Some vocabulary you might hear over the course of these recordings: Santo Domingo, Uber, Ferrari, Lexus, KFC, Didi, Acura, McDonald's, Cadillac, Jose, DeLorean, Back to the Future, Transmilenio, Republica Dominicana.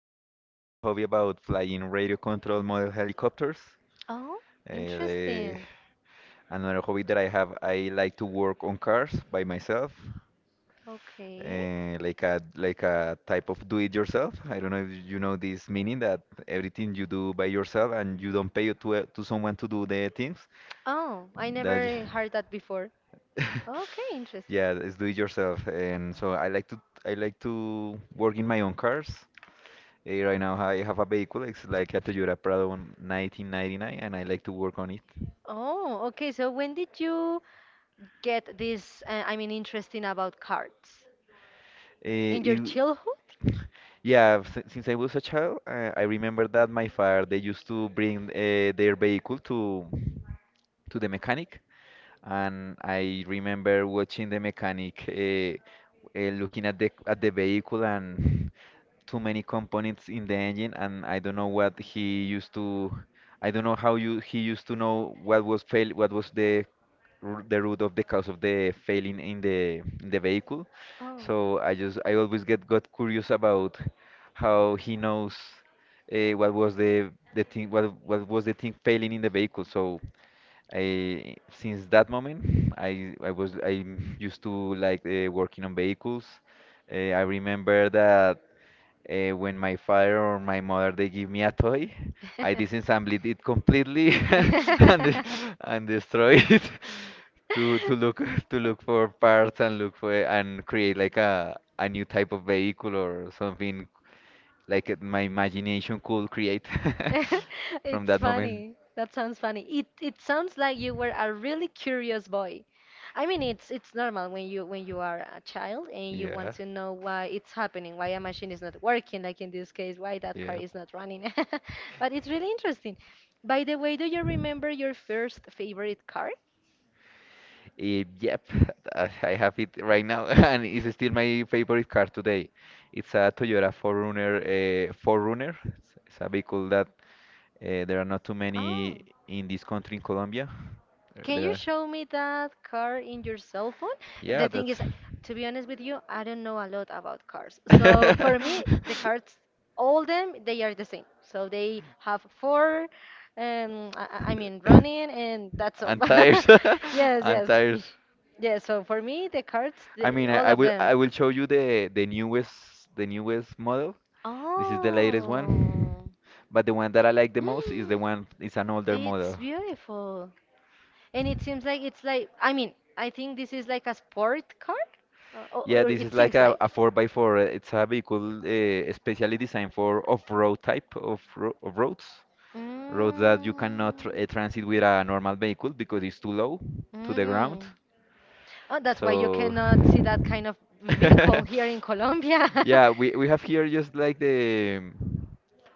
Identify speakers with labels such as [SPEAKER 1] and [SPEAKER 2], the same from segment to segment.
[SPEAKER 1] I have a hobby about flying radio control model helicopters.
[SPEAKER 2] Oh,
[SPEAKER 1] Eh,
[SPEAKER 2] interesting.
[SPEAKER 1] another hobby that I have, I like to work on cars by myself.
[SPEAKER 2] Okay.
[SPEAKER 1] Like a type of do it yourself. I don't know if you know this meaning that everything you do by yourself and you don't pay to someone to do the things
[SPEAKER 2] Oh, I
[SPEAKER 1] that
[SPEAKER 2] never heard that before. Okay, interesting.
[SPEAKER 1] yeah, it's do it yourself. And so I like to work in my own cars. Eh, right now I have a vehicle. It's like a Toyota Prado 1999, and I like to work on it.
[SPEAKER 2] Oh, okay. So when did you get this, I mean, interesting about cards?
[SPEAKER 1] Eh,
[SPEAKER 2] In your
[SPEAKER 1] it
[SPEAKER 2] childhood?
[SPEAKER 1] Yeah, since I was a child, I remember that my father they used to bring their vehicle to the mechanic, and I remember watching the mechanic looking at the vehicle and too many components in the engine, and I don't know what he used to, I don't know how you he used to know what was fail, what was the the root of the cause of the failing in the vehicle.
[SPEAKER 2] Oh.
[SPEAKER 1] So I always get got curious about how he knows what was the thing what was the thing failing in the vehicle. So I since that moment I used to like working on vehicles. I remember that when my father or my mother they give me a toy, I disassemble it completely and de- and destroy it to look for parts and look for and create like a new type of vehicle or something like my imagination could create from
[SPEAKER 2] It's
[SPEAKER 1] that moment.
[SPEAKER 2] funny. That sounds funny. It sounds like you were a really curious boy. I mean, it's normal when you are a child and you want
[SPEAKER 1] Yeah.
[SPEAKER 2] to know why it's happening, why a machine is not working, like in this case, why that car
[SPEAKER 1] Yeah.
[SPEAKER 2] is not running. But it's really interesting. By the way, do you remember your first favorite car?
[SPEAKER 1] Yep, I have it right now, and it's still my favorite car today. It's a Toyota 4Runner, 4Runner. It's a vehicle that there are not too
[SPEAKER 2] Oh.
[SPEAKER 1] many in this country in Colombia. There,
[SPEAKER 2] Can you show me that car in your cell phone? The
[SPEAKER 1] yeah,
[SPEAKER 2] thing
[SPEAKER 1] that's.
[SPEAKER 2] is, to be honest with you, I don't know a lot about cars. So for me, the cars, all them, they are the same. So they have four, I mean, running, and that's all.
[SPEAKER 1] And
[SPEAKER 2] Yes,
[SPEAKER 1] tires,
[SPEAKER 2] Yes.
[SPEAKER 1] and
[SPEAKER 2] Yes.
[SPEAKER 1] tires.
[SPEAKER 2] Yeah, so for me, the cards,
[SPEAKER 1] I mean, I,
[SPEAKER 2] all
[SPEAKER 1] I
[SPEAKER 2] of
[SPEAKER 1] will
[SPEAKER 2] them.
[SPEAKER 1] I will show you the newest model. This is the Oh,
[SPEAKER 2] Oh.
[SPEAKER 1] latest one, but the one that I like the most is
[SPEAKER 2] Mm,
[SPEAKER 1] the one is an older
[SPEAKER 2] It's
[SPEAKER 1] model.
[SPEAKER 2] beautiful. And it seems like it's like, I mean, I think this is like a sport car, or,
[SPEAKER 1] Yeah,
[SPEAKER 2] or
[SPEAKER 1] this is
[SPEAKER 2] it
[SPEAKER 1] like
[SPEAKER 2] seems like.
[SPEAKER 1] a 4
[SPEAKER 2] 4 by
[SPEAKER 1] by 4
[SPEAKER 2] 4
[SPEAKER 1] it's a vehicle specially designed for off-road type of, ro of roads, roads that you cannot tr transit
[SPEAKER 2] Mm.
[SPEAKER 1] with a normal vehicle because it's too low to the ground.
[SPEAKER 2] Mm-mm. Oh,
[SPEAKER 1] Oh,
[SPEAKER 2] that's why you
[SPEAKER 1] So,
[SPEAKER 2] cannot see that kind of vehicle here in Colombia. Yeah,
[SPEAKER 1] yeah, we have here
[SPEAKER 2] it's
[SPEAKER 1] just like the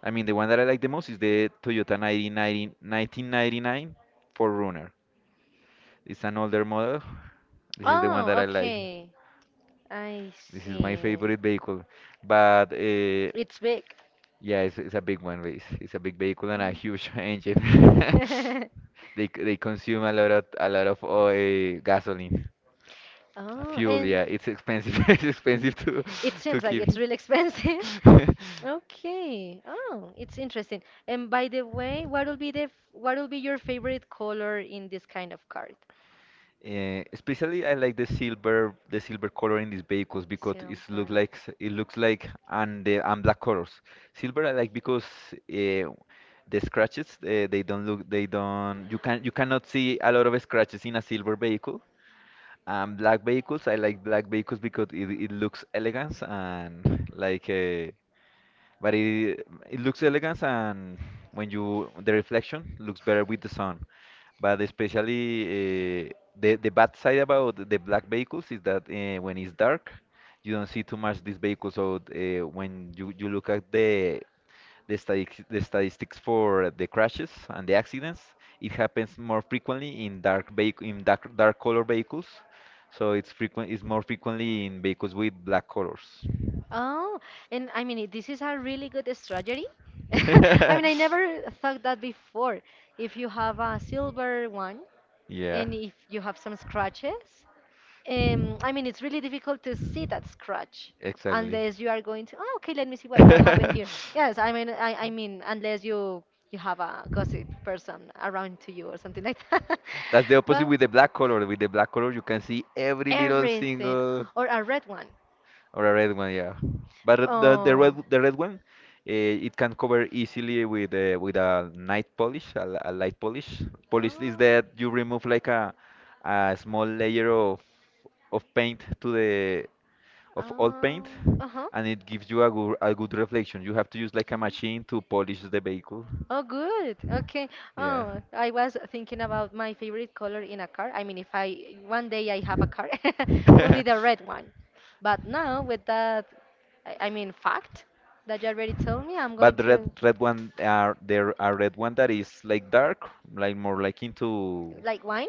[SPEAKER 1] I mean, the one that I like the most is the Toyota 1990 1999 4Runner. It's an older model. This is the one that
[SPEAKER 2] Oh,
[SPEAKER 1] I like.
[SPEAKER 2] okay. I This
[SPEAKER 1] This
[SPEAKER 2] is my
[SPEAKER 1] is my favorite
[SPEAKER 2] see.
[SPEAKER 1] vehicle. But
[SPEAKER 2] It's big.
[SPEAKER 1] yeah, it's a big one. But it's a big vehicle and a huge engine. They they consume a lot of oil, gasoline. A
[SPEAKER 2] Oh,
[SPEAKER 1] fuel, yeah, it's expensive. It's expensive to keep.
[SPEAKER 2] it's really expensive. Okay. Oh, it's interesting. And by the way, what will be what will be your favorite color in this kind of card?
[SPEAKER 1] Eh, especially I like the silver color in these vehicles because it looks like and the and black colors. Silver I like because uh, the scratches they don't you cannot see a lot of scratches in a silver vehicle black vehicles, I like black vehicles because it looks elegant and like a, but it looks elegant and when you the reflection looks better with the sun. But especially the bad side about the black vehicles is that when it's dark, you don't see too much these vehicles. So when you look at the statistics for the crashes and the accidents, it happens more frequently in dark vehicle, in dark, dark color vehicles. So it's frequent, it's more frequently in vehicles with black colors.
[SPEAKER 2] Oh, and I mean, this is a really good strategy. I mean, I never thought that before. If you have a silver one
[SPEAKER 1] Yeah,
[SPEAKER 2] and if you have some scratches, I mean, it's really difficult to see that scratch
[SPEAKER 1] exactly.
[SPEAKER 2] unless you are going to, oh, okay, let me see what happened here. Yes, I mean, I mean, unless you have a gossip person around to you or something like that.
[SPEAKER 1] That's the opposite
[SPEAKER 2] But
[SPEAKER 1] with the black color. With the black color, you can see every little
[SPEAKER 2] everything,
[SPEAKER 1] single
[SPEAKER 2] or a red one.
[SPEAKER 1] or a red one, yeah. But
[SPEAKER 2] Oh.
[SPEAKER 1] the red one, it can cover easily with a night polish, a light polish. Polish is that you remove
[SPEAKER 2] Oh.
[SPEAKER 1] like a small layer of paint to the of old paint,
[SPEAKER 2] Oh. Uh huh.
[SPEAKER 1] and it gives you a good reflection. You have to use like a machine to polish the vehicle.
[SPEAKER 2] Oh, good. Okay.
[SPEAKER 1] Yeah.
[SPEAKER 2] Oh, I was thinking about my favorite color in a car. I mean, if I one day I have a car, will be the red one. But now with that, I mean, fact that you already told me, I'm going
[SPEAKER 1] But the red
[SPEAKER 2] to
[SPEAKER 1] one, are there a red one that is like dark, like more like into like,
[SPEAKER 2] like wine.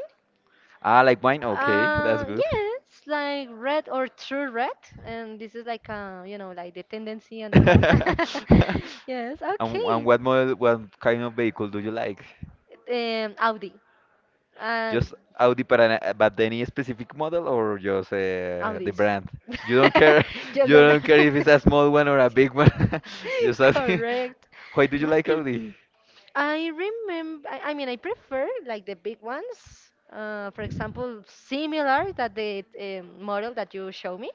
[SPEAKER 1] ah like wine. Okay, ah, that's good.
[SPEAKER 2] Yes, like red or true red, and this is like like the tendency on the
[SPEAKER 1] And
[SPEAKER 2] cars. Yes.
[SPEAKER 1] and yes, really like
[SPEAKER 2] Okay.
[SPEAKER 1] what model, what kind of vehicle do you like?
[SPEAKER 2] Audi and
[SPEAKER 1] Just Audi, but any specific model or just the
[SPEAKER 2] Audis.
[SPEAKER 1] brand? You don't care.
[SPEAKER 2] Just
[SPEAKER 1] You
[SPEAKER 2] the
[SPEAKER 1] don't care
[SPEAKER 2] brand.
[SPEAKER 1] if it's a small one or a big one. Just Audi.
[SPEAKER 2] Correct.
[SPEAKER 1] Why do you like Audi?
[SPEAKER 2] I remember. I mean, I prefer like the big ones. For example, similar that the model that you show me.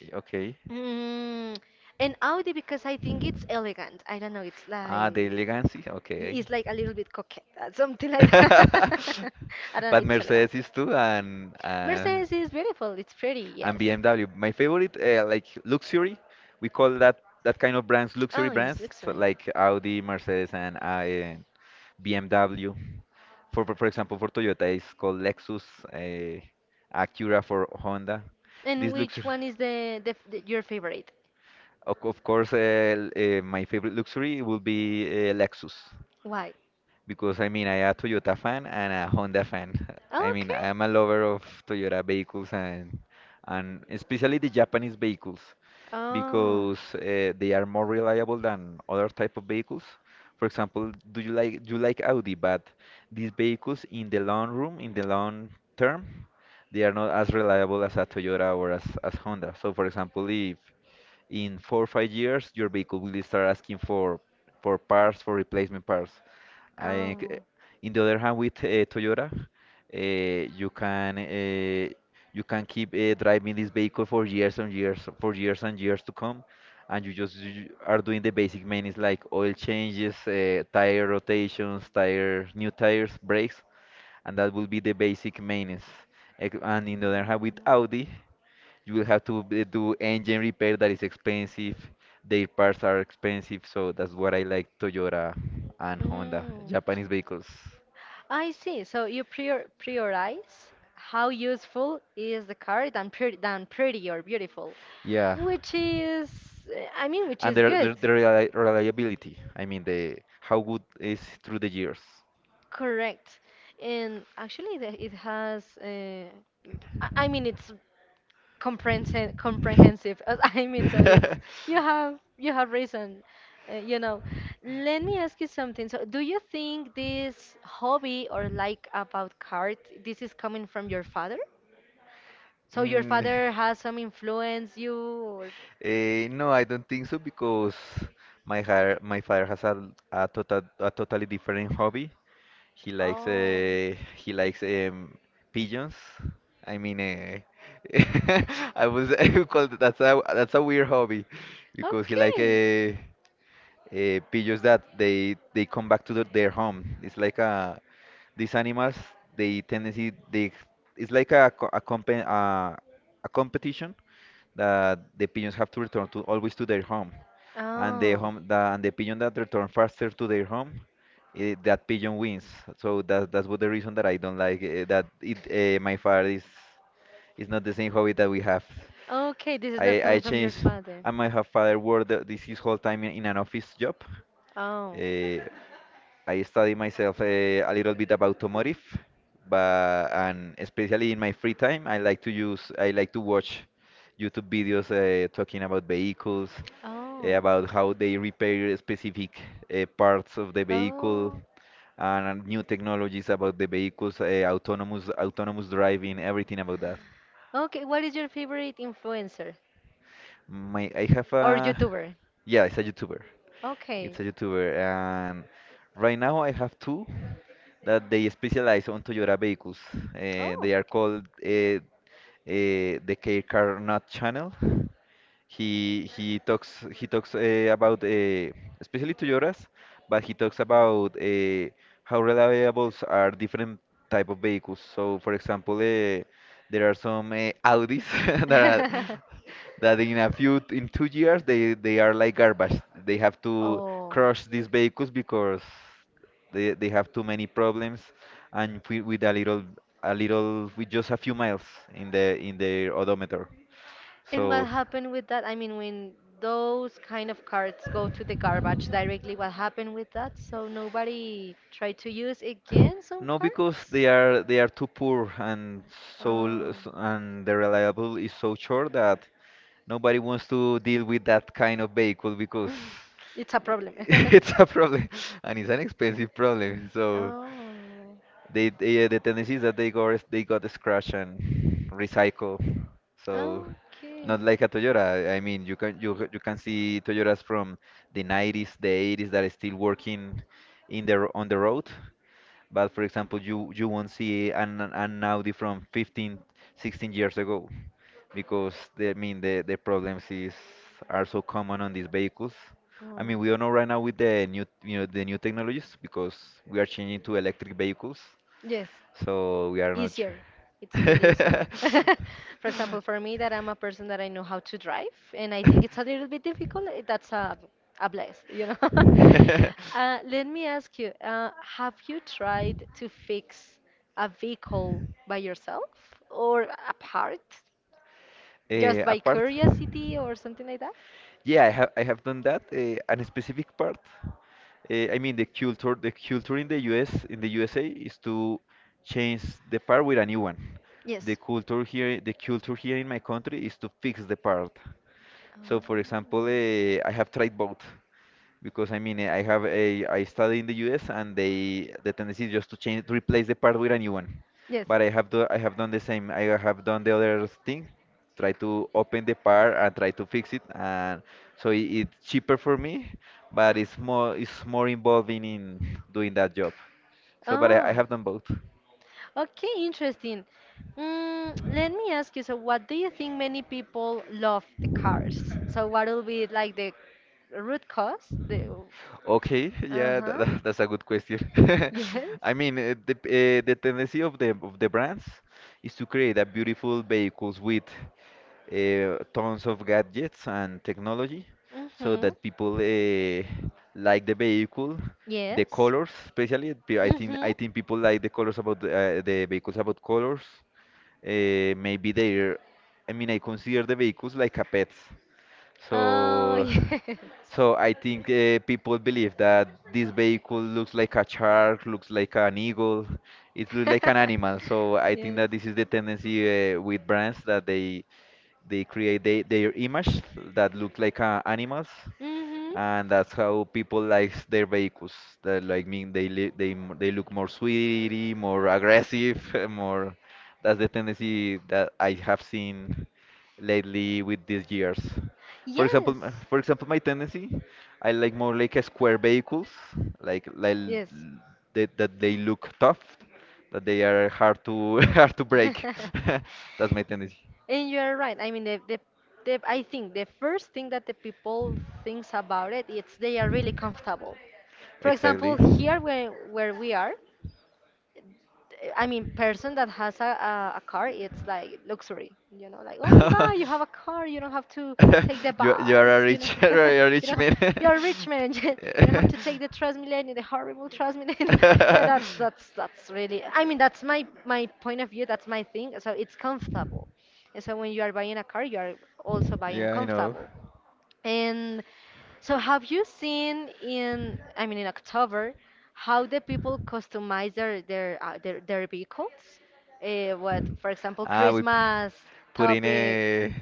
[SPEAKER 1] Eh, okay.
[SPEAKER 2] Mm, and Audi because I think it's elegant. I don't know. It's
[SPEAKER 1] Ah, the
[SPEAKER 2] like
[SPEAKER 1] elegancy. Okay.
[SPEAKER 2] it's like a little bit coquette, something like that. I don't know.
[SPEAKER 1] But
[SPEAKER 2] It's elegant.
[SPEAKER 1] Mercedes is too,
[SPEAKER 2] Mercedes is beautiful. It's pretty.
[SPEAKER 1] and
[SPEAKER 2] Yes.
[SPEAKER 1] BMW. My favorite, like luxury, we call that kind of brands luxury
[SPEAKER 2] Oh yes,
[SPEAKER 1] brands, so
[SPEAKER 2] luxury.
[SPEAKER 1] like Audi, Mercedes, and BMW. For example, for Toyota, it's called Lexus, uh, Acura for Honda.
[SPEAKER 2] And
[SPEAKER 1] This
[SPEAKER 2] which
[SPEAKER 1] luxury,
[SPEAKER 2] one is the your favorite?
[SPEAKER 1] of course, my favorite luxury will be Lexus
[SPEAKER 2] Why?
[SPEAKER 1] because I mean, I am a Toyota fan and a Honda fan. I mean,
[SPEAKER 2] Okay.
[SPEAKER 1] I am a lover of Toyota vehicles and especially the Japanese vehicles
[SPEAKER 2] Oh.
[SPEAKER 1] because they are more reliable than other type of vehicles. For example, do you like Audi? But these vehicles in the long room, in the long term, they are not as reliable as a Toyota or as Honda. So, for example, if in 4 or 5 years your vehicle will start asking for parts for replacement parts. I, c- eh,
[SPEAKER 2] Oh.
[SPEAKER 1] in the other hand, with Toyota, uh, you can uh, you can keep driving this vehicle for years and years, for years and years to come, and you are doing the basic maintenance like oil changes, tire rotations, tire new tires, brakes, and that will be the basic maintenance. And in the other hand, with Audi, you will have to do engine repair that is expensive. Their parts are expensive, so that's what I like Toyota and Honda,
[SPEAKER 2] Mm. Mm.
[SPEAKER 1] Japanese vehicles.
[SPEAKER 2] I see. So you prioritize how useful is the car than pretty or beautiful,
[SPEAKER 1] Yeah,
[SPEAKER 2] which is, I mean, which
[SPEAKER 1] and
[SPEAKER 2] is
[SPEAKER 1] their
[SPEAKER 2] good.
[SPEAKER 1] their reliability. I mean, the how good is through the years.
[SPEAKER 2] Correct. And actually, it has. I mean, it's comprehensive. I mean, so it's you have reason. uh, you know Let me ask you something. So do you think this hobby or like about cards, this is coming from your father? So your
[SPEAKER 1] Mm,
[SPEAKER 2] father has some influence you or...
[SPEAKER 1] eh, no, I don't think so because my father has a total a totally different hobby. He likes
[SPEAKER 2] Oh,
[SPEAKER 1] pigeons. I mean, I was I called that's a weird hobby because he like
[SPEAKER 2] okay.
[SPEAKER 1] pigeons that they come back to their home. It's like these animals they tendency they it's like a co- a, compen, a competition that the pigeons have to return to always to their home, and
[SPEAKER 2] Oh,
[SPEAKER 1] the pigeon that return faster to their home, that pigeon wins. So that's what the reason that I don't like that it my father is not the same hobby that we have.
[SPEAKER 2] okay. This is not coming
[SPEAKER 1] I
[SPEAKER 2] from your
[SPEAKER 1] changed.
[SPEAKER 2] father.
[SPEAKER 1] I might have father worked this his whole time in an office job.
[SPEAKER 2] Oh.
[SPEAKER 1] Uh, I study myself a little bit about automotive, but and especially in my free time, I like to watch YouTube videos talking about vehicles,
[SPEAKER 2] Oh.
[SPEAKER 1] about how they repair specific parts of the vehicle
[SPEAKER 2] Oh.
[SPEAKER 1] and new technologies about the vehicles, autonomous driving, everything about that.
[SPEAKER 2] Okay, what is your favorite influencer
[SPEAKER 1] I have
[SPEAKER 2] or
[SPEAKER 1] a,
[SPEAKER 2] YouTuber?
[SPEAKER 1] yeah, it's a YouTuber. It's
[SPEAKER 2] Okay.
[SPEAKER 1] a YouTuber, and right now I have two that they specialize on Toyota vehicles.
[SPEAKER 2] Oh,
[SPEAKER 1] They are called
[SPEAKER 2] okay.
[SPEAKER 1] the K Car Not channel, he talks about especially to Joras, but he talks about how reliables are different type of vehicles. So, for example, there are some Audis that are that in a few in 2 years they are like garbage. They have to
[SPEAKER 2] Oh.
[SPEAKER 1] crush these vehicles because they have too many problems and with a little with just a few miles in their odometer.
[SPEAKER 2] And what
[SPEAKER 1] So.
[SPEAKER 2] happened with that? I mean, when those kind of cards go to the garbage directly, what happened with that? So nobody tried to use again some
[SPEAKER 1] No, because
[SPEAKER 2] parts?
[SPEAKER 1] they are too poor and
[SPEAKER 2] Oh,
[SPEAKER 1] and the reliable is so short that nobody wants to deal with that kind of vehicle because
[SPEAKER 2] it's a problem.
[SPEAKER 1] it's
[SPEAKER 2] It's a
[SPEAKER 1] a
[SPEAKER 2] problem.
[SPEAKER 1] problem and it's an expensive problem. So
[SPEAKER 2] Oh,
[SPEAKER 1] they the tendency is that they got scratch and recycle. So
[SPEAKER 2] okay.
[SPEAKER 1] not like a Toyota. I mean, you can you can see Toyotas from the 90s, the 80s that are still working in on the road. But for example, you won't see an Audi from 15, 16 years ago because the, I mean the problems is are so common on these vehicles. I mean, we don't know right now with the new the new technologies because we are changing to
[SPEAKER 2] Oh.
[SPEAKER 1] electric vehicles,
[SPEAKER 2] Yes.
[SPEAKER 1] so we are not
[SPEAKER 2] Easier.
[SPEAKER 1] sure.
[SPEAKER 2] It's really easier. For example, for me, that I'm a person that I know how to drive, and I think it's a little bit difficult. That's a blessed. Let me ask you: Have you tried to fix a vehicle by yourself or a part, just
[SPEAKER 1] Eh,
[SPEAKER 2] by
[SPEAKER 1] apart,
[SPEAKER 2] curiosity or something like that?
[SPEAKER 1] yeah, I have done that. A specific part. I mean, the culture in the US, in the USA, is to change the part with a new one.
[SPEAKER 2] Yes.
[SPEAKER 1] The culture here in my country is to fix the part. So, for example,
[SPEAKER 2] Oh.
[SPEAKER 1] I have tried both. Because I mean, I have a I study in the U.S. and the tendency is just to change to replace the part with a new one.
[SPEAKER 2] Yes.
[SPEAKER 1] But I have done the same. I have done the other thing, try to open the part and try to fix it, and so it's cheaper for me, but it's more involving in doing that job. So, but I
[SPEAKER 2] Oh,
[SPEAKER 1] have done both.
[SPEAKER 2] okay, interesting. Let me ask you, so what do you think many people love the cars? So what will be like the root cause? The,
[SPEAKER 1] Okay, yeah,
[SPEAKER 2] uh-huh.
[SPEAKER 1] that's a good question.
[SPEAKER 2] Yes.
[SPEAKER 1] I mean, the tendency of the brands is to create a beautiful vehicles with tons of gadgets and technology so
[SPEAKER 2] Mm-hmm.
[SPEAKER 1] that people like the vehicle, the
[SPEAKER 2] Yes.
[SPEAKER 1] colors, especially
[SPEAKER 2] Mm-hmm.
[SPEAKER 1] I think people like the colors about the vehicles, about colors. Maybe they're, I mean, I consider the vehicles like a pets.
[SPEAKER 2] Oh,
[SPEAKER 1] So
[SPEAKER 2] yes.
[SPEAKER 1] so I think people believe that this vehicle looks like a shark, looks like an eagle, it looks like an animal. So I think
[SPEAKER 2] Yes.
[SPEAKER 1] that this is the tendency with brands, that they create their image, that look like animals, and that's how people likes their
[SPEAKER 2] Mm-hmm.
[SPEAKER 1] vehicles. They like, mean they li they m- they look more sweetie, more aggressive, more. That's the tendency that I have seen lately with these years. For example,
[SPEAKER 2] Yes.
[SPEAKER 1] for example, my tendency, I like more like a square vehicles, like like
[SPEAKER 2] Yes.
[SPEAKER 1] l- that that they look tough, that they are hard to, hard to break. That's my tendency.
[SPEAKER 2] And you're right. I mean, I think the first thing that the people thinks about it, it's they are really comfortable. For
[SPEAKER 1] Exactly.
[SPEAKER 2] example, here where we are, I mean, person that has a car, it's like luxury, like, oh my God, you have a car, you don't have to take the
[SPEAKER 1] you are a
[SPEAKER 2] bus,
[SPEAKER 1] rich, a
[SPEAKER 2] you
[SPEAKER 1] rich
[SPEAKER 2] know,
[SPEAKER 1] man.
[SPEAKER 2] you're a rich man, you don't have to take the Transmilenio, the horrible Transmilenio. Yeah, that's really, I mean, that's my point of view, that's my thing. So it's comfortable. And so when you are buying a car, you are also buying
[SPEAKER 1] yeah, I know.
[SPEAKER 2] comfortable. And so have you seen I mean, in October, how the people customize their vehicles? What, for example,
[SPEAKER 1] Ah, we p-
[SPEAKER 2] Christmas
[SPEAKER 1] put in
[SPEAKER 2] topic.
[SPEAKER 1] a.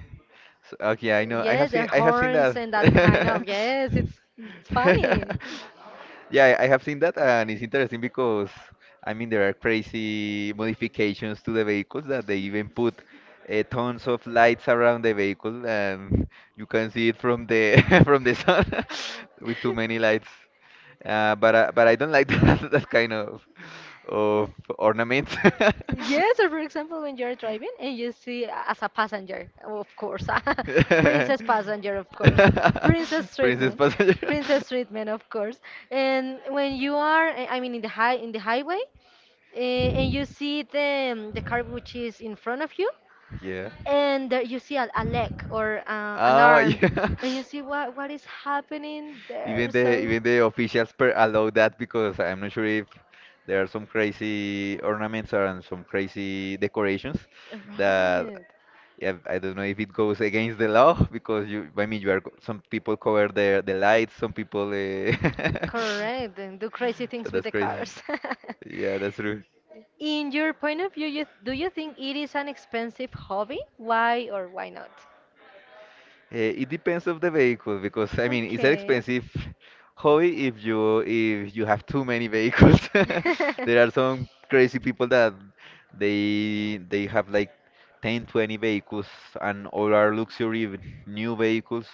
[SPEAKER 1] Okay, I know. I have
[SPEAKER 2] Yes,
[SPEAKER 1] seen.
[SPEAKER 2] their
[SPEAKER 1] I have seen that.
[SPEAKER 2] horns and that kind of. Yes, it's funny.
[SPEAKER 1] Yeah, I have seen that, and it's interesting because I mean there are crazy modifications to the vehicles, that they even put tons of lights around the vehicle, and you can see it from the, from the sun, with too many lights. But I don't like that, that kind of ornaments.
[SPEAKER 2] Yes, or for example, when you're driving and you see as a passenger, of course, a princess passenger, of course, princess
[SPEAKER 1] Princess
[SPEAKER 2] treatment,
[SPEAKER 1] passenger.
[SPEAKER 2] princess treatment, of course. And when you are, I mean, in the highway, and you see the car which is in front of you,
[SPEAKER 1] Yeah.
[SPEAKER 2] and there you see a leg or an
[SPEAKER 1] Oh,
[SPEAKER 2] arm,
[SPEAKER 1] yeah.
[SPEAKER 2] and you see what is happening there.
[SPEAKER 1] Even
[SPEAKER 2] So,
[SPEAKER 1] the officials per allow that, because I'm not sure if there are some crazy ornaments and some crazy decorations that,
[SPEAKER 2] right.
[SPEAKER 1] yeah, I don't know if it goes against the law, because I mean, you are, some people cover their the lights, some people.
[SPEAKER 2] Correct, and do crazy
[SPEAKER 1] So
[SPEAKER 2] things with
[SPEAKER 1] that's
[SPEAKER 2] the
[SPEAKER 1] crazy.
[SPEAKER 2] cars.
[SPEAKER 1] Yeah, that's true.
[SPEAKER 2] In your point of view, do you think it is an expensive hobby? Why or why not?
[SPEAKER 1] Eh, it depends of the vehicle, because I mean it's an
[SPEAKER 2] Okay.
[SPEAKER 1] expensive hobby if you have too many vehicles. There are some crazy people that they have like 10, 20 vehicles, and all are luxury new vehicles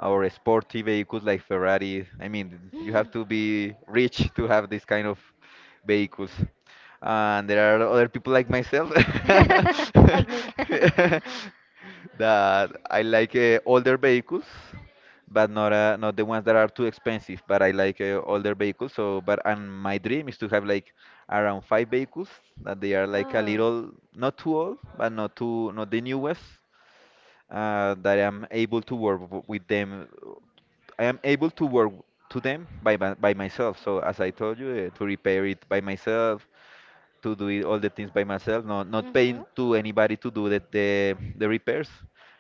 [SPEAKER 1] or sporty vehicles like Ferrari. I mean you have to be rich to have this kind of vehicles. And there are other people like myself,
[SPEAKER 2] Like me.
[SPEAKER 1] that I like older vehicles, but not not the ones that are too expensive. But I like older vehicles. So, but and my dream is to have like around five vehicles that they are like a little not too old, but not too not the newest. That I am able to work with them. I am able to work to them by myself. So as I told you, to repair it by myself, to do it, all the things by myself, not
[SPEAKER 2] Oh.
[SPEAKER 1] not paying
[SPEAKER 2] Mhm.
[SPEAKER 1] to anybody to do the repairs,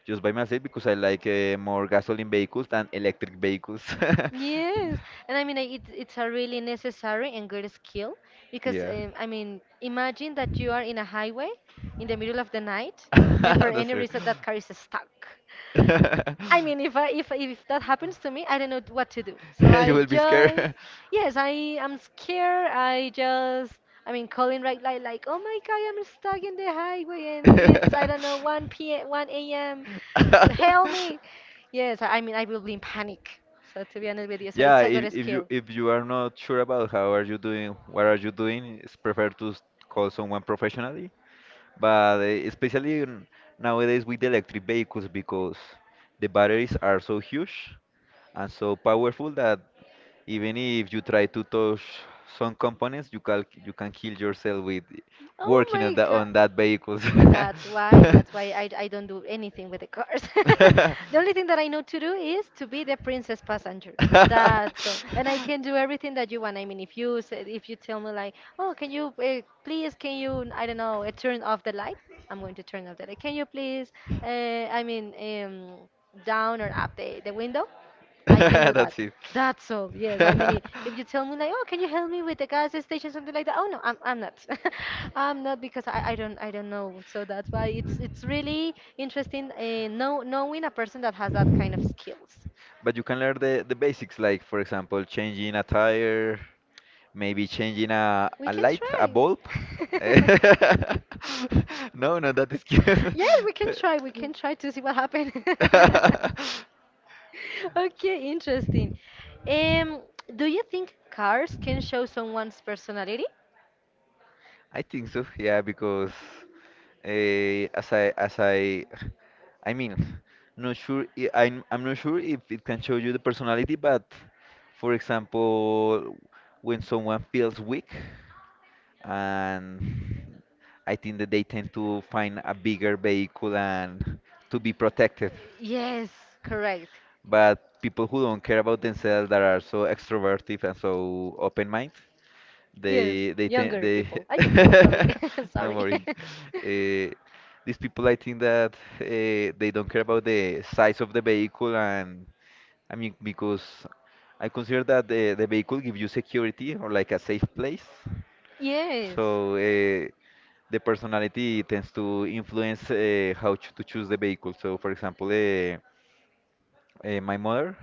[SPEAKER 1] just by myself, because I like more gasoline vehicles than electric vehicles.
[SPEAKER 2] Yes, and I mean it. It's a really necessary and good skill because
[SPEAKER 1] yeah,
[SPEAKER 2] I mean imagine that you are in a highway in the middle of the night and for
[SPEAKER 1] that's
[SPEAKER 2] any
[SPEAKER 1] true.
[SPEAKER 2] reason that car is stuck. I mean, if I if that happens to me, I don't know what to do. So
[SPEAKER 1] you
[SPEAKER 2] I
[SPEAKER 1] will be
[SPEAKER 2] just
[SPEAKER 1] scared.
[SPEAKER 2] Yes, I am scared. I mean, calling right like oh my god, I'm stuck in the highway and it's I don't know 1 p.m. 1 a.m. So help me. Yes, I mean I will be in panic. So to be honest with you, so
[SPEAKER 1] Yeah,
[SPEAKER 2] it's a
[SPEAKER 1] if,
[SPEAKER 2] good
[SPEAKER 1] if you
[SPEAKER 2] skill.
[SPEAKER 1] if you are not sure about how are you doing, what are you doing, it's prefer to call someone professionally. But especially nowadays with electric vehicles, because the batteries are so huge and so powerful, that even if you try to touch some components, you can, you can kill yourself with
[SPEAKER 2] Oh
[SPEAKER 1] working on
[SPEAKER 2] my god.
[SPEAKER 1] that vehicles.
[SPEAKER 2] That's why I don't do anything with the cars. The only thing that I know to do is to be the princess passenger. That's all. And I can do everything that you want. I mean, if you tell me like, "Oh, can you please can you I don't know, turn off the light?" I'm going to turn off the light. Can you please I mean, down or up the window? I can do that.
[SPEAKER 1] That's it.
[SPEAKER 2] That's all. Yes, I mean, if you tell me like, oh, can you help me with the gas station, something like that? Oh no, I'm not. I'm not because I don't know. So that's why it's really interesting knowing a person that has that kind of skills.
[SPEAKER 1] But you can learn the basics, like for example, changing a tire, maybe changing
[SPEAKER 2] We
[SPEAKER 1] a
[SPEAKER 2] can
[SPEAKER 1] light, a
[SPEAKER 2] try.
[SPEAKER 1] bulb. No, no, that is
[SPEAKER 2] Yes, we can
[SPEAKER 1] cute.
[SPEAKER 2] try. We can try to see what happens. Okay, interesting. Um, do you think cars can show someone's personality?
[SPEAKER 1] I think so, yeah, because as I mean, not sure. I'm not sure if it can show you the personality, but for example, when someone feels weak, and I think that they tend to find a bigger vehicle and to be protected.
[SPEAKER 2] Yes, correct.
[SPEAKER 1] But people who don't care about themselves, that are so extroverted and so open-minded,
[SPEAKER 2] Yes,
[SPEAKER 1] they they tend
[SPEAKER 2] younger
[SPEAKER 1] they
[SPEAKER 2] people. I Sorry,
[SPEAKER 1] no
[SPEAKER 2] sorry.
[SPEAKER 1] worry. Uh, these people, I think that they don't care about the size of the vehicle, and I mean because I consider that the vehicle gives you security or like a safe place.
[SPEAKER 2] Yes.
[SPEAKER 1] So the personality tends to influence to choose the vehicle. So, for example, my mother,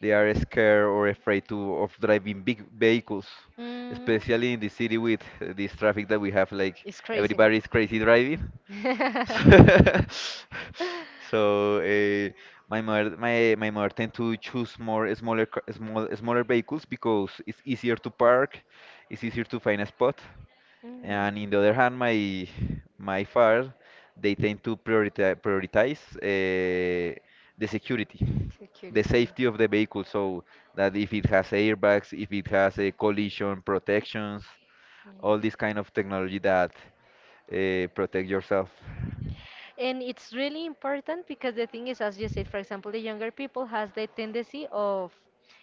[SPEAKER 1] they are scared or afraid to of driving big vehicles,
[SPEAKER 2] Mm.
[SPEAKER 1] especially in the city with this traffic that we have. Like
[SPEAKER 2] It's crazy.
[SPEAKER 1] everybody is crazy driving. So, my mother, my mother tend to choose more smaller smaller vehicles, because it's easier to park, it's easier to find a spot.
[SPEAKER 2] Mm,
[SPEAKER 1] And in the other hand, my father, they tend to prioritize the security, the
[SPEAKER 2] security.
[SPEAKER 1] safety of the vehicle, so that if it has airbags, if it has a collision protections,
[SPEAKER 2] Mm.
[SPEAKER 1] all this kind of technology that protect yourself.
[SPEAKER 2] And it's really important because the thing is, as you said, for example, the younger people has the tendency of,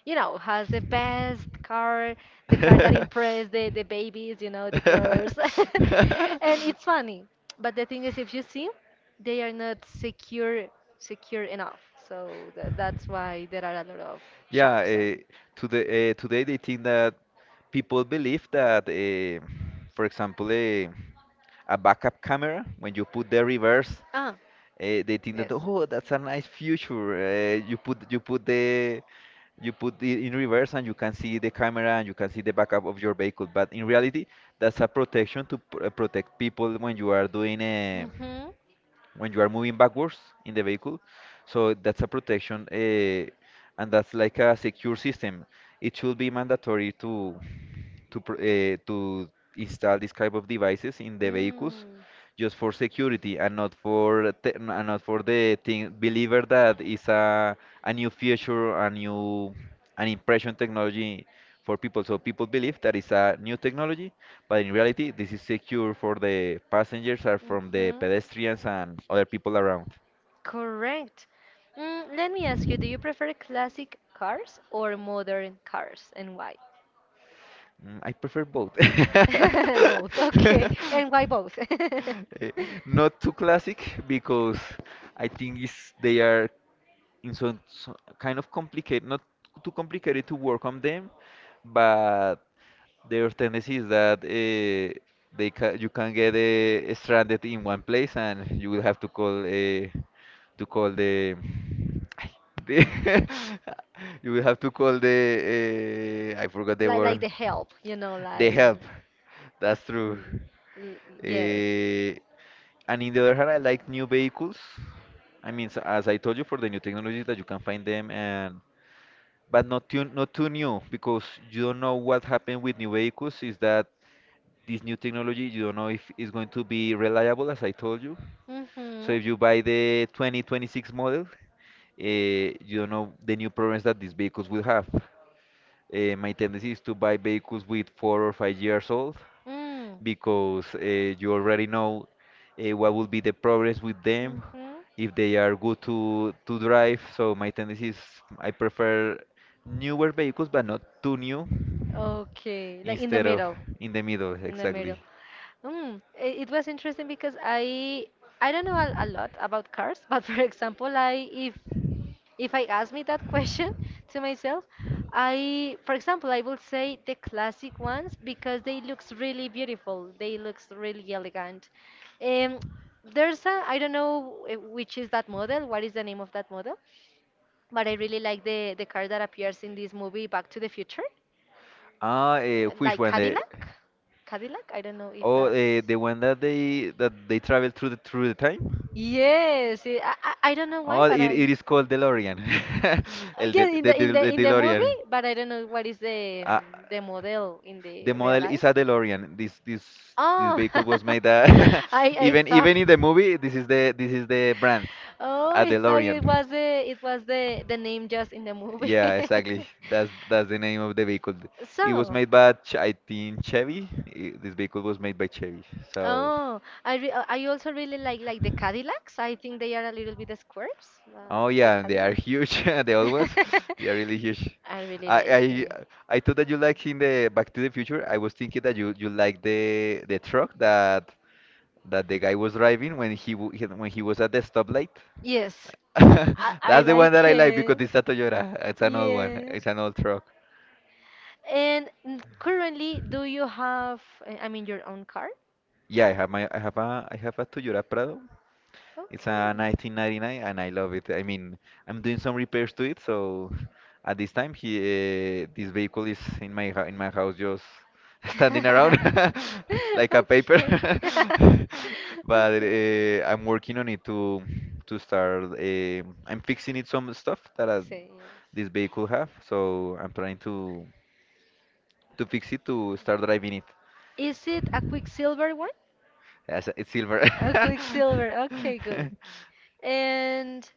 [SPEAKER 2] has the best car, the car that impress the babies, the girls. And it's funny. But the thing is, if you see, they are not secure enough. So that's why there are a lot of
[SPEAKER 1] Yeah,
[SPEAKER 2] shocks and
[SPEAKER 1] today they think that people believe that, for example, a backup camera, when you put the reverse,
[SPEAKER 2] ah,
[SPEAKER 1] they think that
[SPEAKER 2] yes.
[SPEAKER 1] oh, that's a nice feature. You put the, you put it in reverse and you can see the camera and you can see the backup of your vehicle, but in reality that's a protection to protect people when you are doing a,
[SPEAKER 2] Hmm.
[SPEAKER 1] when you are moving backwards in the vehicle. So that's a protection, and that's like a secure system. It should be mandatory to to install this type of devices in the vehicles,
[SPEAKER 2] Mm.
[SPEAKER 1] just for security, and not and not for the thing believer that is a new feature, a new, an impression technology for people, so people believe that it's a new technology, but in reality this is secure for the passengers or from the
[SPEAKER 2] Mhm.
[SPEAKER 1] pedestrians and other people around.
[SPEAKER 2] Correct. Let me ask you, do you prefer classic cars or modern cars and why?
[SPEAKER 1] Mm, I prefer both.
[SPEAKER 2] Both, okay. And why both?
[SPEAKER 1] Eh, not too classic, because I think it's, they are in some kind of complicated, not too complicated to work on them, but their tendency is that they ca, you can get stranded in one place, and you will have to call the, ay, the, you will have to call the, I forgot the
[SPEAKER 2] Like
[SPEAKER 1] word.
[SPEAKER 2] the help,
[SPEAKER 1] The
[SPEAKER 2] like,
[SPEAKER 1] help. That's true.
[SPEAKER 2] Yes.
[SPEAKER 1] Uh, and in the other hand, I like new vehicles. I mean, as I told you, for the new technology that you can find them, and but not too not too new, because you don't know what happened with new vehicles. Is that this new technology? You don't know if it's going to be reliable, as I told you. So
[SPEAKER 2] Mhm.
[SPEAKER 1] if you buy the 2026 model, you don't know the new problems that these vehicles will have. My tendency is to buy vehicles with 4 or 5 years old,
[SPEAKER 2] Mm.
[SPEAKER 1] because you already know what will be the progress with them,
[SPEAKER 2] Mm-hmm.
[SPEAKER 1] if they are good to drive. So my tendency is I prefer newer vehicles, but not too new. In
[SPEAKER 2] Okay,
[SPEAKER 1] the
[SPEAKER 2] like in the
[SPEAKER 1] instead of
[SPEAKER 2] middle.
[SPEAKER 1] middle. In the middle,
[SPEAKER 2] In the middle.
[SPEAKER 1] exactly.
[SPEAKER 2] Mm, it was interesting because I don't know a lot about cars, but for example, I if I ask me that question to myself, I for example I will say the classic ones because they looks really beautiful. They looks really elegant. Um, there's a I don't know which is that model. What is the name of that model? But I really like the car that appears in this movie, Back to the Future.
[SPEAKER 1] Which
[SPEAKER 2] Like
[SPEAKER 1] one? The,
[SPEAKER 2] Cadillac. Cadillac. I don't know if
[SPEAKER 1] oh,
[SPEAKER 2] that's.
[SPEAKER 1] the one that they travel through the, through the time. Yeah,
[SPEAKER 2] Yes, it, I don't know why,
[SPEAKER 1] oh, it
[SPEAKER 2] but I.
[SPEAKER 1] it is called DeLorean. El
[SPEAKER 2] Yeah,
[SPEAKER 1] de,
[SPEAKER 2] in the
[SPEAKER 1] the
[SPEAKER 2] in the movie,
[SPEAKER 1] DeLorean.
[SPEAKER 2] but I don't know what is
[SPEAKER 1] Ah.
[SPEAKER 2] the model in
[SPEAKER 1] The
[SPEAKER 2] the real
[SPEAKER 1] model
[SPEAKER 2] life.
[SPEAKER 1] is a DeLorean. This this
[SPEAKER 2] Oh,
[SPEAKER 1] vehicle was made,
[SPEAKER 2] I
[SPEAKER 1] even
[SPEAKER 2] thought.
[SPEAKER 1] even in the movie. This is the brand,
[SPEAKER 2] Oh,
[SPEAKER 1] a
[SPEAKER 2] I thought
[SPEAKER 1] DeLorean.
[SPEAKER 2] it was the name just in the movie.
[SPEAKER 1] Yeah, exactly. That's the name of the vehicle. It was
[SPEAKER 2] So,
[SPEAKER 1] made by Ch, I think Chevy. This vehicle was made by Chevy. So,
[SPEAKER 2] oh, I also really like the Cadillacs. I think they are a little bit squares.
[SPEAKER 1] oh
[SPEAKER 2] The
[SPEAKER 1] yeah, and they
[SPEAKER 2] Cadillac.
[SPEAKER 1] are huge. The old ones, they are really huge.
[SPEAKER 2] I really
[SPEAKER 1] I
[SPEAKER 2] like
[SPEAKER 1] I
[SPEAKER 2] it.
[SPEAKER 1] I thought that you like in the Back to the Future. I was thinking that you like the truck that that the guy was driving when when he was at the stoplight.
[SPEAKER 2] Yes, I
[SPEAKER 1] That's the one that
[SPEAKER 2] like
[SPEAKER 1] I like because
[SPEAKER 2] it.
[SPEAKER 1] it's a Toyota. It's an old one.
[SPEAKER 2] Yeah.
[SPEAKER 1] It's an old truck.
[SPEAKER 2] And currently, do you have, I mean, your own car?
[SPEAKER 1] Yeah, I have a Toyota Prado. It's a
[SPEAKER 2] Okay.
[SPEAKER 1] 1999 and I love it. I mean, I'm doing some repairs to it, so at this time he this vehicle is in my in my house just standing
[SPEAKER 2] Like a
[SPEAKER 1] around
[SPEAKER 2] paper.
[SPEAKER 1] like a paper.
[SPEAKER 2] Okay. But
[SPEAKER 1] But
[SPEAKER 2] okay. I'm
[SPEAKER 1] I'm working
[SPEAKER 2] working on
[SPEAKER 1] on
[SPEAKER 2] it
[SPEAKER 1] it
[SPEAKER 2] to
[SPEAKER 1] to
[SPEAKER 2] start.
[SPEAKER 1] start
[SPEAKER 2] I'm
[SPEAKER 1] I'm
[SPEAKER 2] fixing
[SPEAKER 1] fixing
[SPEAKER 2] it
[SPEAKER 1] it
[SPEAKER 2] some
[SPEAKER 1] some
[SPEAKER 2] stuff
[SPEAKER 1] stuff
[SPEAKER 2] that,
[SPEAKER 1] that
[SPEAKER 2] say yes,
[SPEAKER 1] this
[SPEAKER 2] this
[SPEAKER 1] vehicle
[SPEAKER 2] vehicle
[SPEAKER 1] have,
[SPEAKER 2] have, so
[SPEAKER 1] so I'm
[SPEAKER 2] I'm trying
[SPEAKER 1] trying
[SPEAKER 2] to.
[SPEAKER 1] to fix it to start driving it
[SPEAKER 2] Is it a quicksilver one?
[SPEAKER 1] as it's
[SPEAKER 2] It's
[SPEAKER 1] silver.
[SPEAKER 2] silver. A quicksilver. Okay, good. And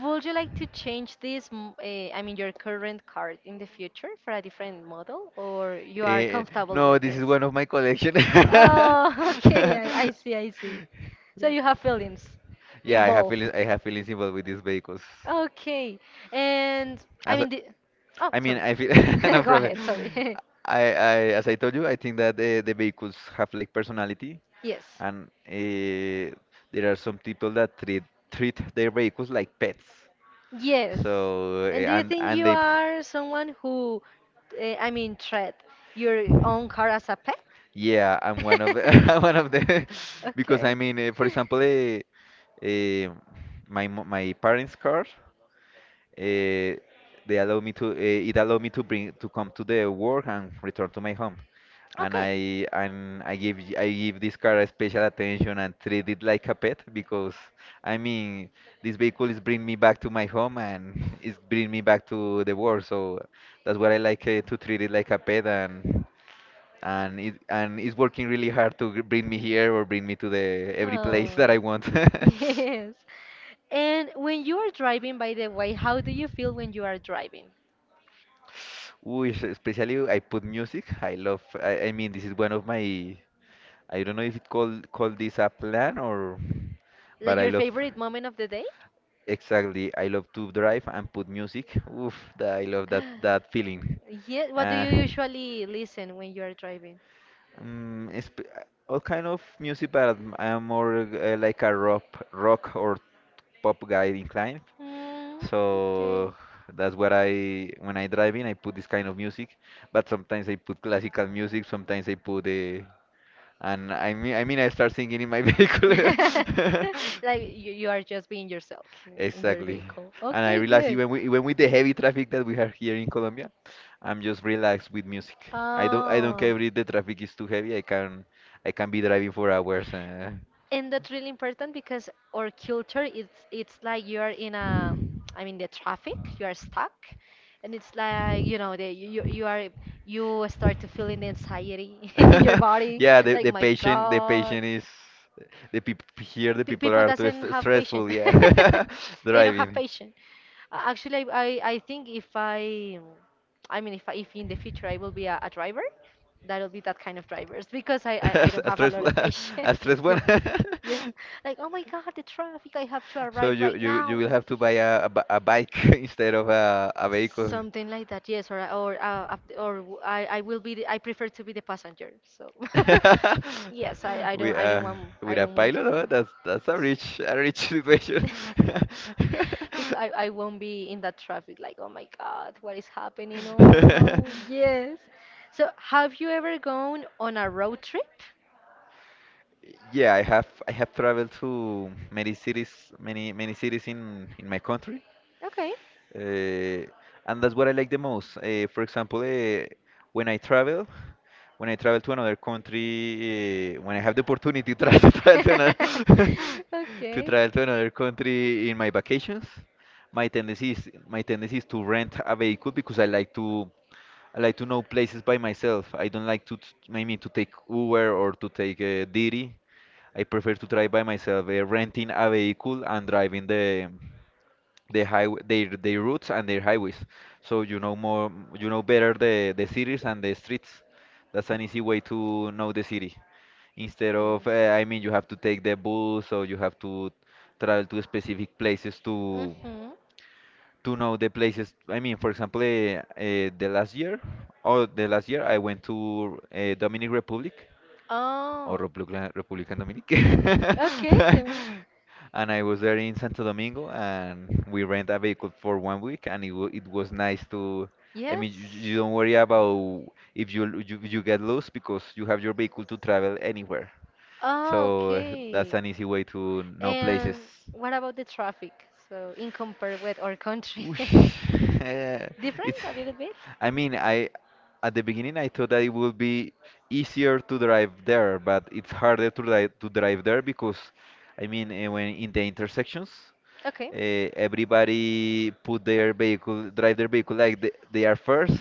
[SPEAKER 2] would you like to change this, I mean, your current card in the future for a different model, or you are, eh,
[SPEAKER 1] Eh,
[SPEAKER 2] comfortable, no,
[SPEAKER 1] no,
[SPEAKER 2] with
[SPEAKER 1] this
[SPEAKER 2] this?
[SPEAKER 1] is
[SPEAKER 2] Is this?
[SPEAKER 1] one of my collection.
[SPEAKER 2] Oh, okay. I see. I see. So you have feelings
[SPEAKER 1] Yeah, I have
[SPEAKER 2] involved.
[SPEAKER 1] feelings. I have feelings involved with these vehicles.
[SPEAKER 2] Okay. And I
[SPEAKER 1] As
[SPEAKER 2] mean
[SPEAKER 1] a,
[SPEAKER 2] the. Oh,
[SPEAKER 1] I mean,
[SPEAKER 2] sorry.
[SPEAKER 1] I feel no
[SPEAKER 2] Go
[SPEAKER 1] problem.
[SPEAKER 2] ahead. Sorry.
[SPEAKER 1] I, I, as I told you, I think that the vehicles have like personality.
[SPEAKER 2] Yes.
[SPEAKER 1] And there are some people that treat their vehicles like pets.
[SPEAKER 2] Yes.
[SPEAKER 1] So
[SPEAKER 2] And do you think
[SPEAKER 1] and
[SPEAKER 2] you
[SPEAKER 1] they
[SPEAKER 2] are someone who, I mean, treat your own car as a pet?
[SPEAKER 1] yeah, I'm one of the I'm one of the, because
[SPEAKER 2] Okay.
[SPEAKER 1] I mean, for example, uh, my my parents' car. Uh, they allowed me to. It allowed me to bring to come to the work and return to my home. And
[SPEAKER 2] Okay.
[SPEAKER 1] I give this car a special attention and treat it like a pet because I mean this vehicle is bring me back to my home and it's bring me back to the work. So that's what I like to treat it like a pet and it's working really hard to bring me here or bring me to the every place
[SPEAKER 2] Oh.
[SPEAKER 1] that I want.
[SPEAKER 2] Yes. And when you are driving, by the way, how do you feel when you are driving?
[SPEAKER 1] Which especially I put music. I love. I mean, this is one of my. I don't know if it call this a plan, or
[SPEAKER 2] Like
[SPEAKER 1] but I
[SPEAKER 2] your
[SPEAKER 1] love.
[SPEAKER 2] favorite moment of the day?
[SPEAKER 1] Exactly, I love to drive and put music. Oof, that, I love that feeling.
[SPEAKER 2] Yeah, what do
[SPEAKER 1] Uh,
[SPEAKER 2] you usually listen when you are driving?
[SPEAKER 1] it's uh, all kind of music, but I'm more like a rock or pop guy inclined.
[SPEAKER 2] Mm,
[SPEAKER 1] So
[SPEAKER 2] okay.
[SPEAKER 1] that's what I, when I drive in I put this kind of music. But sometimes I put classical music, sometimes I put the, and I mean, I start singing in my vehicle.
[SPEAKER 2] Like you are just being yourself in your
[SPEAKER 1] Exactly.
[SPEAKER 2] vehicle.
[SPEAKER 1] And I
[SPEAKER 2] Okay,
[SPEAKER 1] realize
[SPEAKER 2] good.
[SPEAKER 1] even with the heavy traffic that we have here in Colombia, I'm just relaxed with music. I don't
[SPEAKER 2] Oh.
[SPEAKER 1] care if the traffic is too heavy. I can be driving for hours.
[SPEAKER 2] And that's really important because our culture, it's like you are in a, I mean the traffic, you are stuck, and it's like you know you are, you start to feeling the anxiety in your body
[SPEAKER 1] Yeah,
[SPEAKER 2] like
[SPEAKER 1] the
[SPEAKER 2] my
[SPEAKER 1] patient the
[SPEAKER 2] God.
[SPEAKER 1] patient is the people here the people
[SPEAKER 2] People
[SPEAKER 1] are too
[SPEAKER 2] doesn't have patience.
[SPEAKER 1] stressful. Yeah,
[SPEAKER 2] They don't have
[SPEAKER 1] driving.
[SPEAKER 2] patience. Actually I think if I mean if I, if in the future I will be a driver, that'll be that kind of drivers because I don't
[SPEAKER 1] a
[SPEAKER 2] have a lot
[SPEAKER 1] stressful,
[SPEAKER 2] of
[SPEAKER 1] a
[SPEAKER 2] patience.
[SPEAKER 1] stressful one.
[SPEAKER 2] Yes, like oh my God, the traffic! I have to
[SPEAKER 1] So
[SPEAKER 2] arrive
[SPEAKER 1] you,
[SPEAKER 2] right
[SPEAKER 1] you
[SPEAKER 2] now.
[SPEAKER 1] will have to buy a bike instead of a vehicle.
[SPEAKER 2] Something like that, yes, or I will be the, I prefer to be the passenger. So yes, I
[SPEAKER 1] We
[SPEAKER 2] don't want I
[SPEAKER 1] with a
[SPEAKER 2] don't want
[SPEAKER 1] pilot,
[SPEAKER 2] to be
[SPEAKER 1] huh? That's a rich situation.
[SPEAKER 2] because I won't be in that traffic. Like oh my God, what is happening? Oh no, yes. So have you ever gone on a road trip?
[SPEAKER 1] Yeah, I have traveled to many cities, many many cities in my country.
[SPEAKER 2] Okay.
[SPEAKER 1] Uh, and that's what I like the most. For example, when I travel, when I travel to another country, when I have the opportunity to travel, to travel to another, to
[SPEAKER 2] Okay.
[SPEAKER 1] travel to
[SPEAKER 2] Yes.
[SPEAKER 1] another country in my vacations, my tendency is to rent a vehicle because I like to know places by myself. I don't like to maybe to take Uber or to take Didi. I prefer to drive by myself, renting a vehicle and driving the highway, their routes and their highways, so you know more, you know better the cities and the streets. That's an easy way to know the city instead of I mean, you have to take the bus or you have to travel to specific places
[SPEAKER 2] Mm-hmm.
[SPEAKER 1] to know the places. I mean, for example, the last year I went to Dominic Republic or
[SPEAKER 2] Oh.
[SPEAKER 1] Republican Dominic.
[SPEAKER 2] Okay, then.
[SPEAKER 1] And I was there in Santo Domingo, and we rent a vehicle for 1 week, and it was nice to. I mean, you,
[SPEAKER 2] Yes.
[SPEAKER 1] don't worry about if you get lost because you have your vehicle to travel anywhere.
[SPEAKER 2] Oh,
[SPEAKER 1] So that's
[SPEAKER 2] okay.
[SPEAKER 1] an easy way to know places.
[SPEAKER 2] And what about the traffic? So, in compare with our country,
[SPEAKER 1] Whoosh. Eh, it's
[SPEAKER 2] different a little bit?
[SPEAKER 1] I mean I at the beginning I thought that it would be easier to drive there but it's harder to drive there because I mean eh, when in the intersections,
[SPEAKER 2] Okay.
[SPEAKER 1] uh, everybody put their vehicle drive their vehicle like they are first,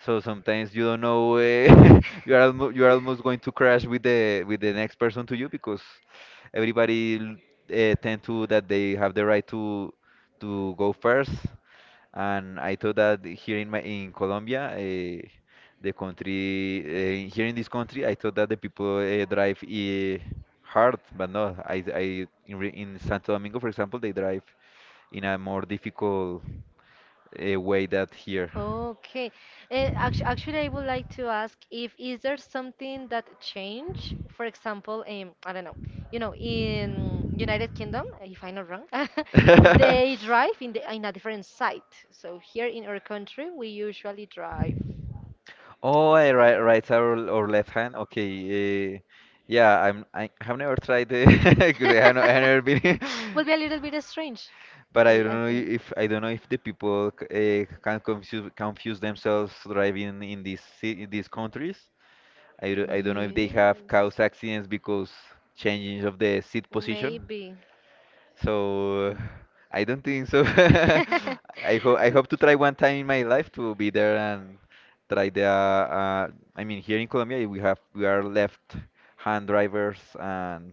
[SPEAKER 1] so sometimes you don't know you are almo you are almost going to crash with the next person to you because everybody tend to that they have the right to go first. And I thought that here in my in Colombia, the country here in this country, I thought that the people drive hard, but no, I in, in Santo Domingo, for example, they drive in a more difficult way that here.
[SPEAKER 2] Okay. Actually, I would like to ask if is there something that changed? For example, I don't know, you know, in United Kingdom, if I'm not wrong, they drive in a different side. So here in our country, we usually drive
[SPEAKER 1] Oh,
[SPEAKER 2] at
[SPEAKER 1] I
[SPEAKER 2] the
[SPEAKER 1] right,
[SPEAKER 2] left.
[SPEAKER 1] right side, or left hand. Okay. Yeah, I'm. I have never tried the. Because I have no, I have never been.
[SPEAKER 2] Will be a little bit strange,
[SPEAKER 1] But I don't
[SPEAKER 2] I
[SPEAKER 1] know
[SPEAKER 2] think.
[SPEAKER 1] if I don't know if the people can confuse themselves driving in these in these countries. I don't know if they have
[SPEAKER 2] Yes.
[SPEAKER 1] caused accidents because changing of the seat position.
[SPEAKER 2] Maybe.
[SPEAKER 1] So I don't think so. I hope to try one time in my life to be there and try the. I mean, here in Colombia we have we are left-hand drivers, and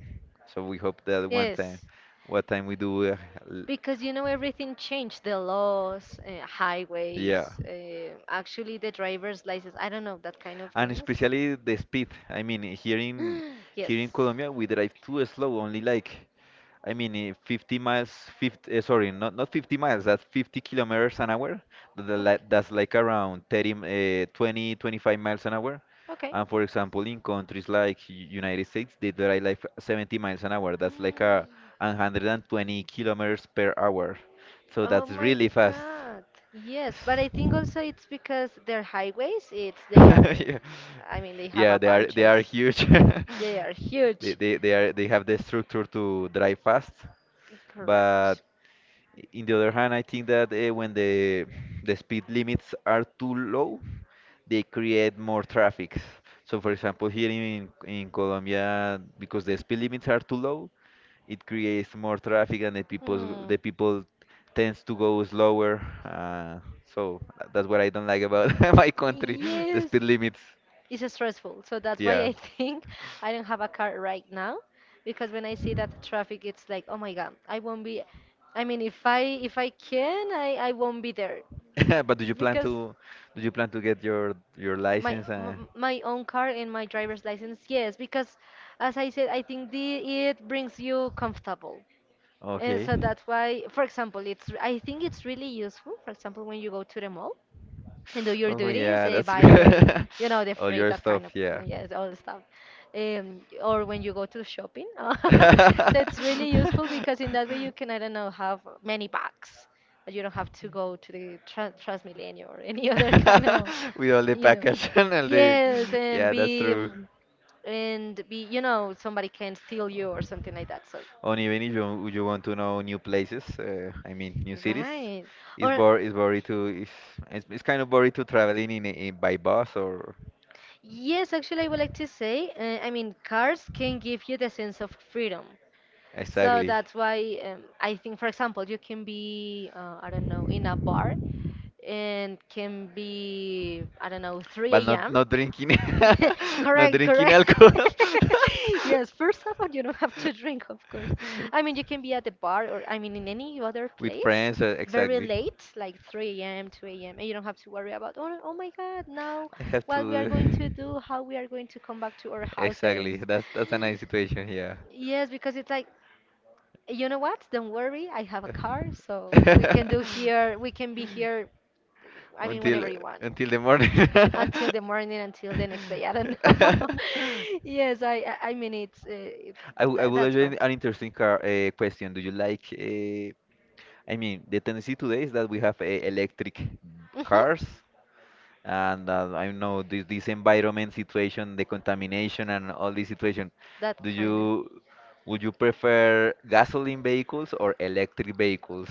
[SPEAKER 1] so we hope that one time,
[SPEAKER 2] Yes,
[SPEAKER 1] what time we do. L-
[SPEAKER 2] because you know everything changed, the laws,
[SPEAKER 1] yeah,
[SPEAKER 2] highways, actually the driver's license, I don't know, that kind of
[SPEAKER 1] and
[SPEAKER 2] things.
[SPEAKER 1] especially the speed. I mean, here in
[SPEAKER 2] Yes.
[SPEAKER 1] here in Colombia we drive too slow, only like I mean, 50 miles, 50, sorry, not, not 50 miles, that's 50 kilometers an hour.
[SPEAKER 2] Okay.
[SPEAKER 1] That's like around 30, 20, 25 miles an hour. And for example, in countries like United States, they drive like 70 miles an hour. That's like
[SPEAKER 2] Okay.
[SPEAKER 1] a 120 kilometers per hour. So
[SPEAKER 2] Oh
[SPEAKER 1] that's
[SPEAKER 2] my
[SPEAKER 1] really fast.
[SPEAKER 2] God. Yes, but I think also it's because their highways, it's they are,
[SPEAKER 1] Yeah,
[SPEAKER 2] I mean, they have
[SPEAKER 1] yeah,
[SPEAKER 2] a
[SPEAKER 1] they are
[SPEAKER 2] bunches.
[SPEAKER 1] huge.
[SPEAKER 2] They are
[SPEAKER 1] They,
[SPEAKER 2] huge.
[SPEAKER 1] they are they have the structure to drive fast.
[SPEAKER 2] Correct.
[SPEAKER 1] But in the other hand, I think that when the speed limits are too low, they create more traffic. So, for example, here in Colombia, because the speed limits are too low, it creates more traffic, and
[SPEAKER 2] Hmm.
[SPEAKER 1] the people tends to go slower. Uh, so that's what I don't like about my country, the
[SPEAKER 2] Yes.
[SPEAKER 1] speed limits.
[SPEAKER 2] It's stressful. So that's why
[SPEAKER 1] Yeah.
[SPEAKER 2] I think I don't have a car right now because when I see that traffic, it's like, oh my God, I won't be. I mean, if I can, I won't be there
[SPEAKER 1] But do you plan
[SPEAKER 2] because
[SPEAKER 1] to do you plan to get your license?
[SPEAKER 2] My own car and my driver's license, yes, because as I said, I think the it brings you comfortable. And
[SPEAKER 1] Okay.
[SPEAKER 2] so that's why, for example, it's I think it's really useful, for example, when you go to the mall and do your
[SPEAKER 1] Oh
[SPEAKER 2] duties
[SPEAKER 1] yeah, that's
[SPEAKER 2] by your, you know, the
[SPEAKER 1] all
[SPEAKER 2] free,
[SPEAKER 1] your
[SPEAKER 2] that
[SPEAKER 1] stuff.
[SPEAKER 2] kind of,
[SPEAKER 1] Yeah.
[SPEAKER 2] yes, all the stuff, or when you go to shopping, so it's really useful because in that way you can, I don't know, have many bags but you don't have to go to the Transmilenio or any other kind of,
[SPEAKER 1] With all the
[SPEAKER 2] you know,
[SPEAKER 1] package and all the
[SPEAKER 2] yes, and
[SPEAKER 1] yeah, that's
[SPEAKER 2] be
[SPEAKER 1] true.
[SPEAKER 2] and be, you know, somebody can steal you or something like that, so
[SPEAKER 1] Or even if you want to know new places, I mean new cities,
[SPEAKER 2] right, or
[SPEAKER 1] it's boring to, it's kind of boring to traveling in, in by bus or
[SPEAKER 2] Yes, actually, I would like to say, I mean, cars can give you the sense of freedom. So
[SPEAKER 1] exactly.
[SPEAKER 2] that's why I think, for example, you can be, I don't know, in a bar and can be I don't know
[SPEAKER 1] But
[SPEAKER 2] 3
[SPEAKER 1] not
[SPEAKER 2] a.m.
[SPEAKER 1] not drinking, not
[SPEAKER 2] Correct,
[SPEAKER 1] drinking
[SPEAKER 2] correct.
[SPEAKER 1] alcohol.
[SPEAKER 2] Yes, first of all, you don't have to drink, of course. I mean, you can be at the bar or I mean in any other
[SPEAKER 1] With
[SPEAKER 2] place
[SPEAKER 1] friends,
[SPEAKER 2] very
[SPEAKER 1] exactly.
[SPEAKER 2] late, like 3 a.m., 2 a.m., and you don't have to worry about oh, oh my God, now
[SPEAKER 1] I have
[SPEAKER 2] what we are
[SPEAKER 1] to.
[SPEAKER 2] going to do, how we are going to come back to our
[SPEAKER 1] Exactly.
[SPEAKER 2] houses.
[SPEAKER 1] That's a nice situation here.
[SPEAKER 2] Yes, because it's like, you know what? Don't worry, I have a car, so we can do here, we can be here I mean, whenever
[SPEAKER 1] until
[SPEAKER 2] you want.
[SPEAKER 1] until the morning.
[SPEAKER 2] Until the morning, until the next day. I don't know. Yes, I mean, it's, it,
[SPEAKER 1] I would ask
[SPEAKER 2] that's why.
[SPEAKER 1] you an interesting car, question. Do you like? I mean, the tendency today is that we have electric
[SPEAKER 2] Hmm.
[SPEAKER 1] cars and I don't know this this environment situation, the contamination and all this situation.
[SPEAKER 2] That
[SPEAKER 1] Do
[SPEAKER 2] kind of.
[SPEAKER 1] you Would you prefer gasoline vehicles or electric vehicles?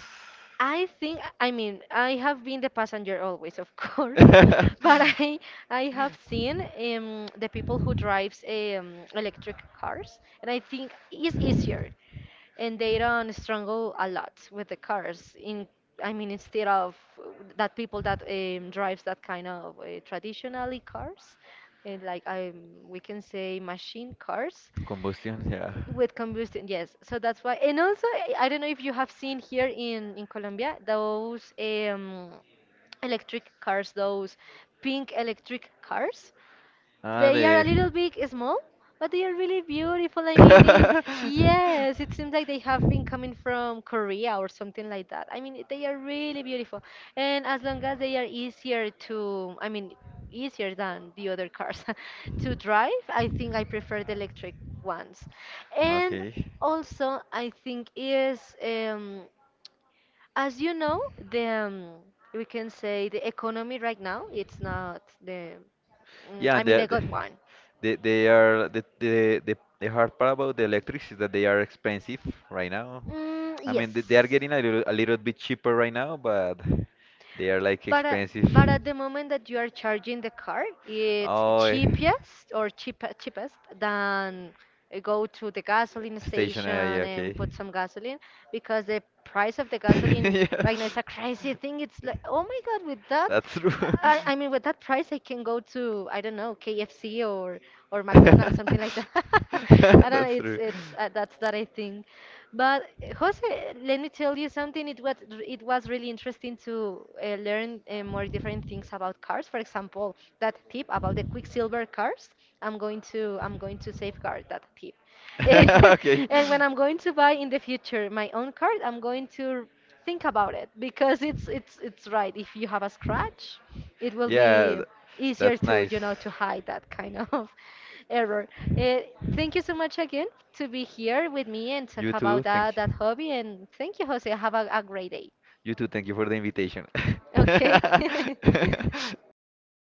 [SPEAKER 2] I think, I mean, I have been the passenger always, of course, but I have seen the people who drives electric cars, and I think it's easier and they don't struggle a lot with the cars in, I mean instead of that people that, drives that kind of traditionally cars, and like I we can say machine cars
[SPEAKER 1] Combustion, yeah.
[SPEAKER 2] with combustion, yes, so that's why, and also I don't know if you have seen here in colombia those electric cars, those pink electric cars.
[SPEAKER 1] Ah,
[SPEAKER 2] They are a
[SPEAKER 1] the.
[SPEAKER 2] little bit small, but they are really beautiful. I mean it. Yes, it seems like they have been coming from Korea or something like that. I mean, they are really beautiful. And as long as they are easier to, I mean, easier than the other cars to drive, I think I prefer the electric ones. And
[SPEAKER 1] Okay.
[SPEAKER 2] also, I think is as you know, the we can say the economy right now, it's not the, mm,
[SPEAKER 1] Yeah,
[SPEAKER 2] I
[SPEAKER 1] and
[SPEAKER 2] mean the good one.
[SPEAKER 1] they are the hard part about the electrics is that they are expensive right now.
[SPEAKER 2] Mm,
[SPEAKER 1] I
[SPEAKER 2] yes.
[SPEAKER 1] mean, they are getting a little bit cheaper right now, but they are like
[SPEAKER 2] But uh,
[SPEAKER 1] expensive.
[SPEAKER 2] but at the moment that you are charging the car, it's
[SPEAKER 1] Oh, eh,
[SPEAKER 2] cheapest or cheapest than go to the gasoline
[SPEAKER 1] Stationary,
[SPEAKER 2] station
[SPEAKER 1] yeah, okay.
[SPEAKER 2] and put some gasoline, because the price of the gasoline
[SPEAKER 1] Yeah.
[SPEAKER 2] right now is a crazy thing. It's like, oh my God, with that,
[SPEAKER 1] That's true.
[SPEAKER 2] I mean, with that price, I can go to, I don't know, KFC or McDonald's, something like that. I don't know.
[SPEAKER 1] That's true.
[SPEAKER 2] It's That's that I think. But Jose, let me tell you something. It was really interesting to learn more different things about cars. For example, that tip about the Quicksilver cars. I'm going to safeguard that tip.
[SPEAKER 1] Okay.
[SPEAKER 2] And when I'm going to buy in the future my own car, I'm going to think about it because it's right. If you have a scratch it will
[SPEAKER 1] Yeah,
[SPEAKER 2] be easier
[SPEAKER 1] that's
[SPEAKER 2] to,
[SPEAKER 1] nice.
[SPEAKER 2] you know, to hide that kind of error. Eh, thank you so much again to be here with me and talk
[SPEAKER 1] You
[SPEAKER 2] about
[SPEAKER 1] too. Thank
[SPEAKER 2] that
[SPEAKER 1] you.
[SPEAKER 2] hobby. And thank you, Jose. Have a great day.
[SPEAKER 1] You too. Thank you for the invitation.
[SPEAKER 2] Okay.